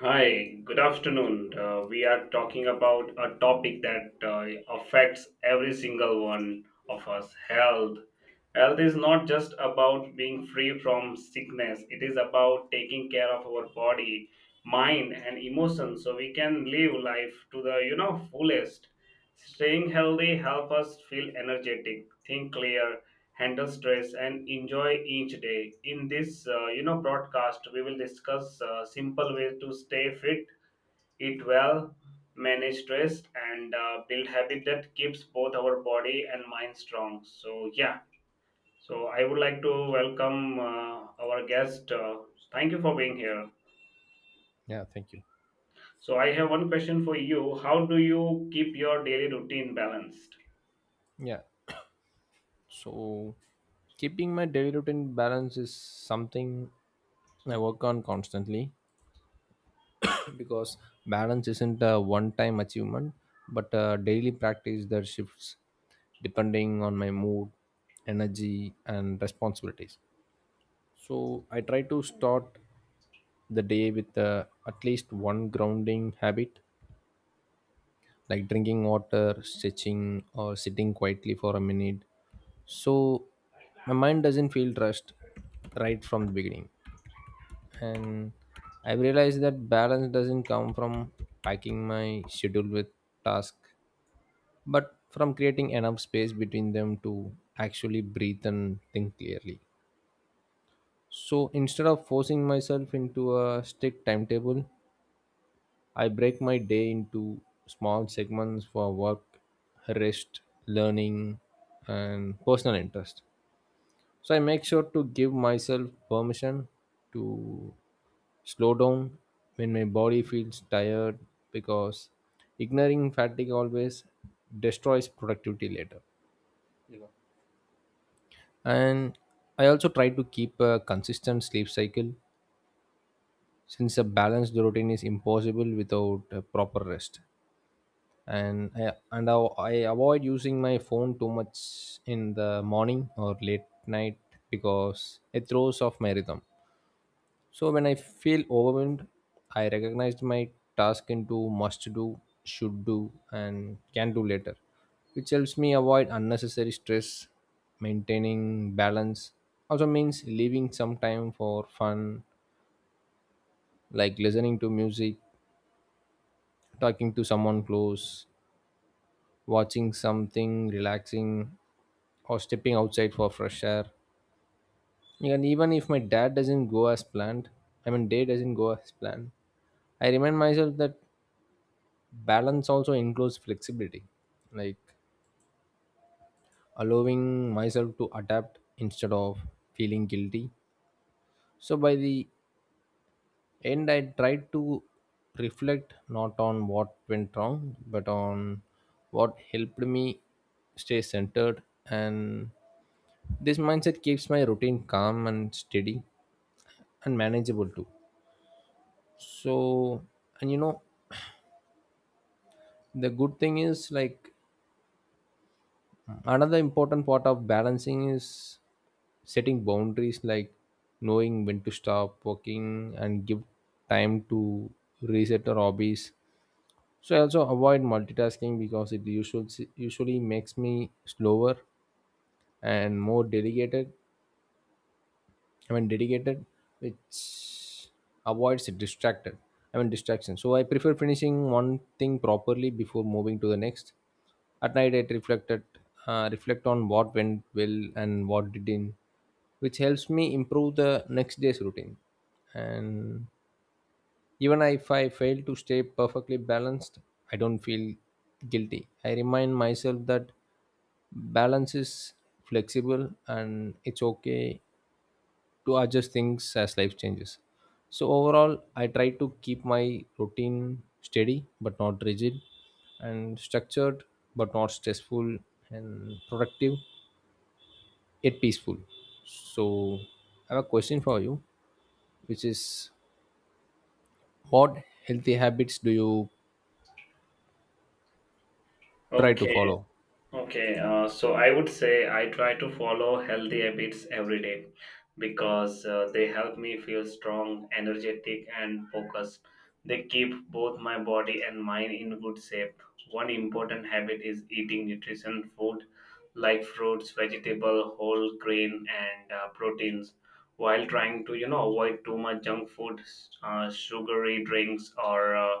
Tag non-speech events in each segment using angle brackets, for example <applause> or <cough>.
Hi, good afternoon. We are talking about a topic that affects every single one of us: health. Health is not just about being free from sickness, it is about taking care of our body, mind, and emotions so we can live life to the fullest. Staying healthy help us feel energetic, think clear, handle stress and enjoy each day. In this broadcast we will discuss simple ways to stay fit, eat well, manage stress, and build habit that keeps both our body and mind strong. So I would like to welcome our guest. Thank you for being here. Yeah, thank you. So I have one question for you: how do you keep your daily routine balanced? Yeah. So keeping my daily routine balance is something I work on constantly <coughs> because balance isn't a one time achievement but a daily practice that shifts depending on my mood, energy and responsibilities. So I try to start the day with at least one grounding habit like drinking water, stretching, or sitting quietly for a minute. So my mind doesn't feel rushed right from the beginning. And I've realized that balance doesn't come from packing my schedule with tasks, but from creating enough space between them to actually breathe and think clearly. So instead of forcing myself into a strict timetable, I break my day into small segments for work, rest, learning, and personal interest. So I make sure to give myself permission to slow down when my body feels tired because ignoring fatigue always destroys productivity later. And I also try to keep a consistent sleep cycle since a balanced routine is impossible without a proper rest. I avoid using my phone too much in the morning or late night because it throws off my rhythm. So when I feel overwhelmed, I recognize my task into must do, should do, and can do later, which helps me avoid unnecessary stress. Maintaining balance also means leaving some time for fun, like listening to music, talking to someone close, watching something relaxing or stepping outside for fresh air, and even if my dad doesn't go as planned I mean day doesn't go as planned, I remind myself that balance also includes flexibility, like allowing myself to adapt instead of feeling guilty. So by the end I tried to reflect not on what went wrong but on what helped me stay centered and, this mindset keeps my routine calm and steady and manageable too. So, and you know, the good thing is, like another important part of balancing is setting boundaries, like knowing when to stop working and give time to reset or hobbies. So I also avoid multitasking because it usually makes me slower and more delegated I mean dedicated, which avoids it distracted. I mean distraction. So I prefer finishing one thing properly before moving to the next. At night, I reflect on what went well and what didn't, which helps me improve the next day's routine. And even if I fail to stay perfectly balanced, I don't feel guilty. I remind myself that balance is flexible and it's okay to adjust things as life changes. So overall, I try to keep my routine steady but not rigid, and structured but not stressful, and productive yet peaceful. So I have a question for you, which is, what healthy habits do you try to okay follow? Okay, so I would say I try to follow healthy habits every day because they help me feel strong, energetic, and focused. They keep both my body and mind in good shape. One important habit is eating nutrition food like fruits, vegetable, whole grain, and proteins, while trying to avoid too much junk food, sugary drinks, or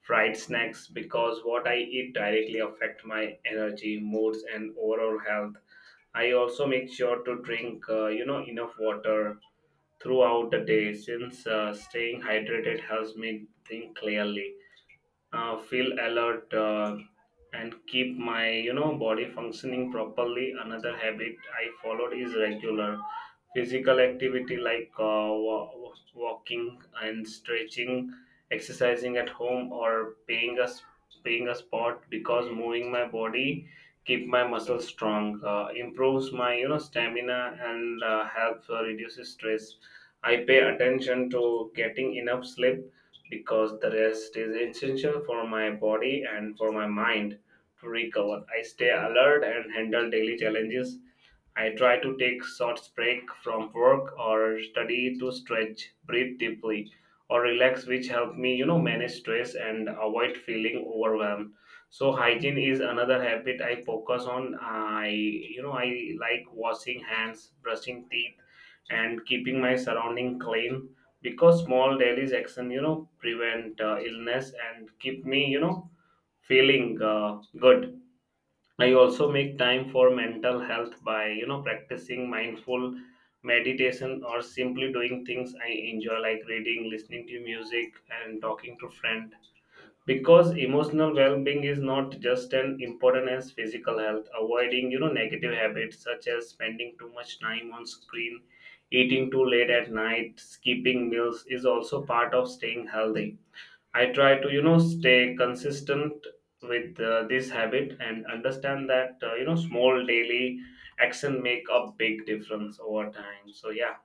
fried snacks, because what I eat directly affect my energy, moods, and overall health. I also make sure to drink, enough water throughout the day, since staying hydrated helps me think clearly, feel alert, and keep my body functioning properly. Another habit I followed is regular physical activity, like walking and stretching, exercising at home, or paying a sport, because moving my body keep my muscles strong, improves my stamina, and helps reduces stress. I pay attention to getting enough sleep because the rest is essential for my body and for my mind to recover. I stay alert and handle daily challenges. I try to take short break from work or study to stretch, breathe deeply, or relax, which help me, manage stress and avoid feeling overwhelmed. So hygiene is another habit I focus on. I like washing hands, brushing teeth, and keeping my surrounding clean, because small daily action, prevent illness and keep me, feeling good. I also make time for mental health by, practicing mindful meditation or simply doing things I enjoy, like reading, listening to music, and talking to friend. Because emotional well-being is not just an important as physical health. Avoiding, negative habits such as spending too much time on screen, eating too late at night, skipping meals is also part of staying healthy. I try to, stay consistent with this habit and understand that, small daily action make a big difference over time. So,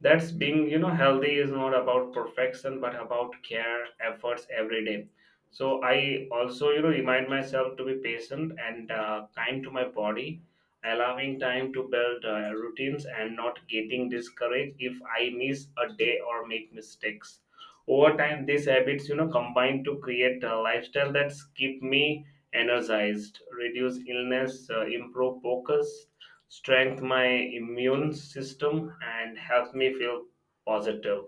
that's being healthy is not about perfection but about care, efforts every day. So I also remind myself to be patient and kind to my body, allowing time to build routines and not getting discouraged if I miss a day or make mistakes. Over time these habits combine to create a lifestyle that's keep me energized, reduce illness, improve focus, strengthen my immune system, and helps me feel positive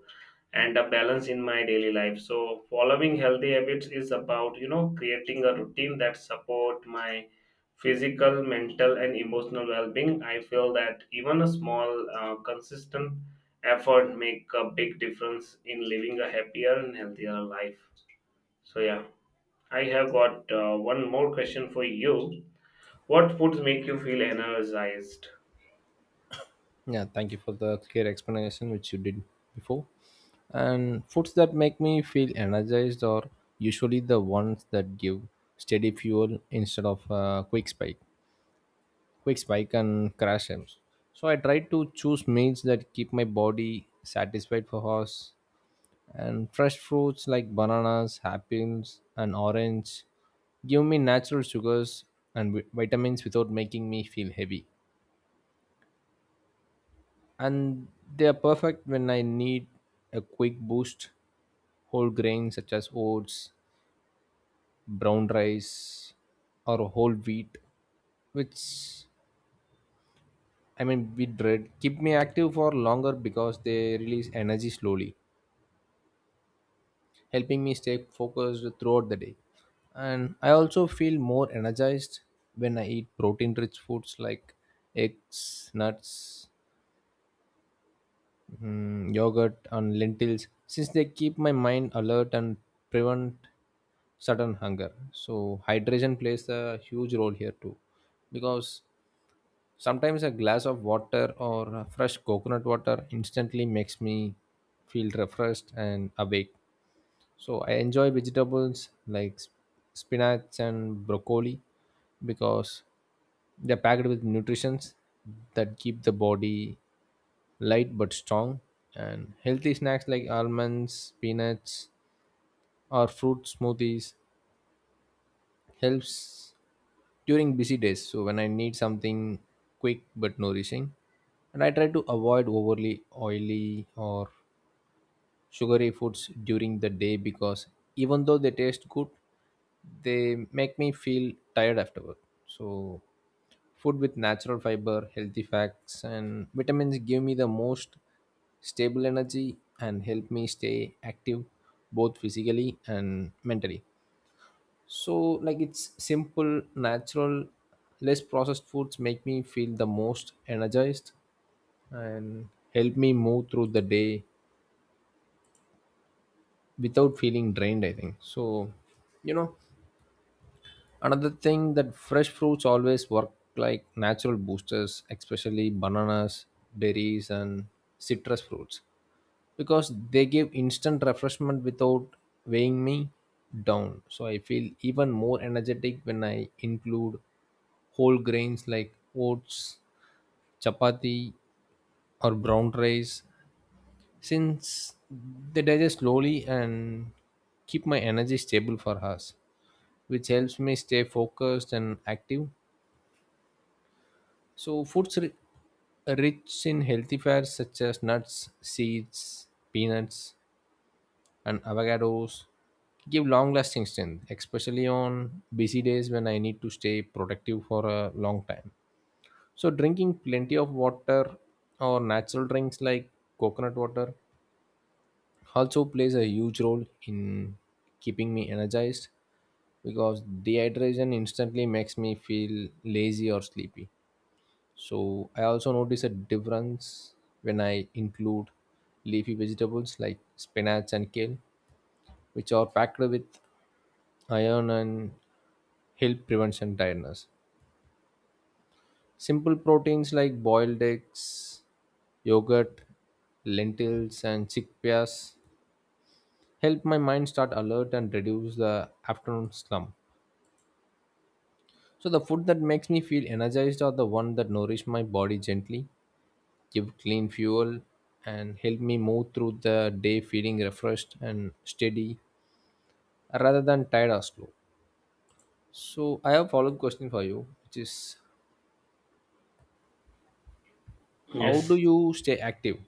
and a balance in my daily life. So following healthy habits is about creating a routine that support my physical, mental and emotional well-being. I feel that even a small consistent effort make a big difference in living a happier and healthier life. So yeah i have got one more question for you: what foods make you feel energized? Yeah, thank you for the clear explanation which you did before. And foods that make me feel energized are usually the ones that give steady fuel instead of quick spike and crash times. So I try to choose meals that keep my body satisfied for hours. And fresh fruits like bananas, apples, and orange give me natural sugars and vitamins without making me feel heavy. And they are perfect when I need a quick boost. Whole grains such as oats, brown rice, or whole wheat, which I mean wheat bread, keep me active for longer because they release energy slowly, helping me stay focused throughout the day. And I also feel more energized when I eat protein rich foods like eggs, nuts, yogurt and lentils, since they keep my mind alert and prevent sudden hunger. So hydration plays a huge role here too because sometimes a glass of water or a fresh coconut water instantly makes me feel refreshed and awake. So I enjoy vegetables like spinach and broccoli because they're packed with nutrients that keep the body light but strong. And healthy snacks like almonds, peanuts, or fruit smoothies helps during busy days. So when I need something quick but nourishing, and I try to avoid overly oily or sugary foods during the day because even though they taste good, they make me feel tired afterward. So, food with natural fiber, healthy fats, and vitamins give me the most stable energy and help me stay active both physically and mentally. So, like it's simple, natural, less processed foods make me feel the most energized and help me move through the day without feeling drained, I think. So you know, another thing that fresh fruits always work like natural boosters, especially bananas, berries and citrus fruits, because they give instant refreshment without weighing me down. So I feel even more energetic when I include whole grains like oats, chapati, or brown rice, since they digest slowly and keep my energy stable for hours, which helps me stay focused and active. So, rich in healthy fats such as nuts, seeds, peanuts, and avocados give long lasting strength, especially on busy days when I need to stay productive for a long time. So, drinking plenty of water or natural drinks like coconut water also plays a huge role in keeping me energized because dehydration instantly makes me feel lazy or sleepy. So I also notice a difference when I include leafy vegetables like spinach and kale, which are packed with iron and help prevention tiredness. Simple proteins like boiled eggs, yogurt, lentils, and chickpeas help my mind start alert and reduce the afternoon slump. So the food that makes me feel energized are the one that nourish my body gently, give clean fuel and help me move through the day feeling refreshed and steady rather than tired or slow. So I have follow-up question for you, which is how do Yes, you stay active?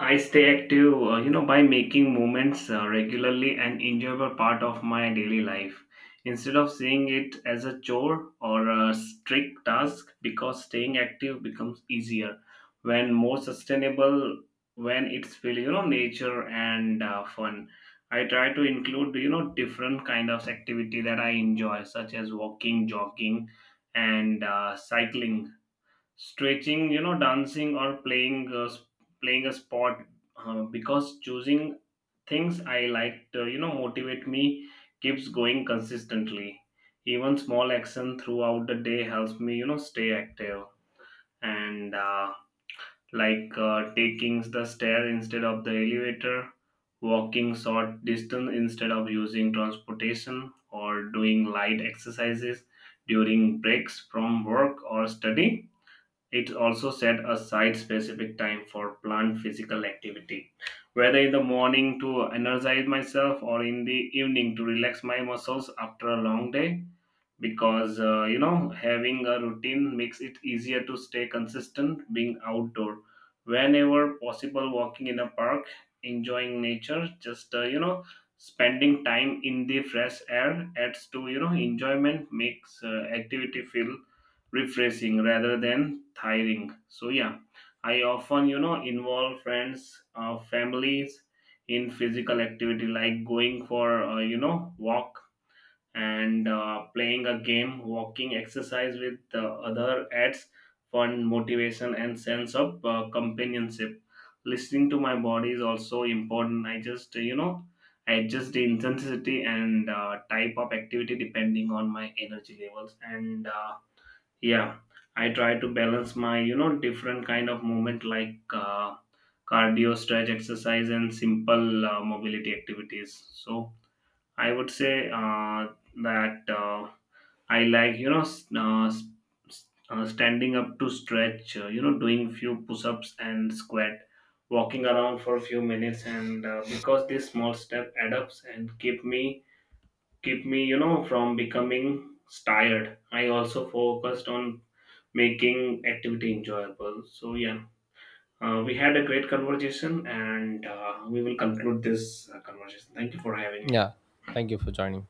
I stay active, by making movements regularly an enjoyable part of my daily life, instead of seeing it as a chore or a strict task, because staying active becomes easier when more sustainable, when it's feel nature and fun. I try to include different kind of activity that I enjoy, such as walking, jogging, and cycling, stretching, dancing, or playing playing a sport, because choosing things I like to motivate me, keeps going consistently. Even small action throughout the day helps me stay active, and like taking the stair instead of the elevator, walking short distance instead of using transportation, or doing light exercises during breaks from work or study. It also set aside specific time for planned physical activity, whether in the morning to energize myself or in the evening to relax my muscles after a long day, because having a routine makes it easier to stay consistent. Being outdoor whenever possible, walking in a park, enjoying nature, just spending time in the fresh air adds to enjoyment, makes activity feel refreshing rather than tiring. So I often involve friends, families in physical activity, like going for walk and playing a game. Walking, exercise with the other adds fun, motivation, and sense of companionship. Listening to my body is also important. I just, you know, I adjust the intensity and type of activity depending on my energy levels. And yeah, I try to balance my, different kind of movement like cardio, stretch exercise, and simple mobility activities. So I would say that. I like standing up to stretch. Doing few push-ups and squat, walking around for a few minutes, and because these small step add ups and keep me from becoming tired. I also focused on making activity enjoyable. We had a great conversation, and we will conclude this conversation. Thank you for having me. Yeah. Thank you for joining.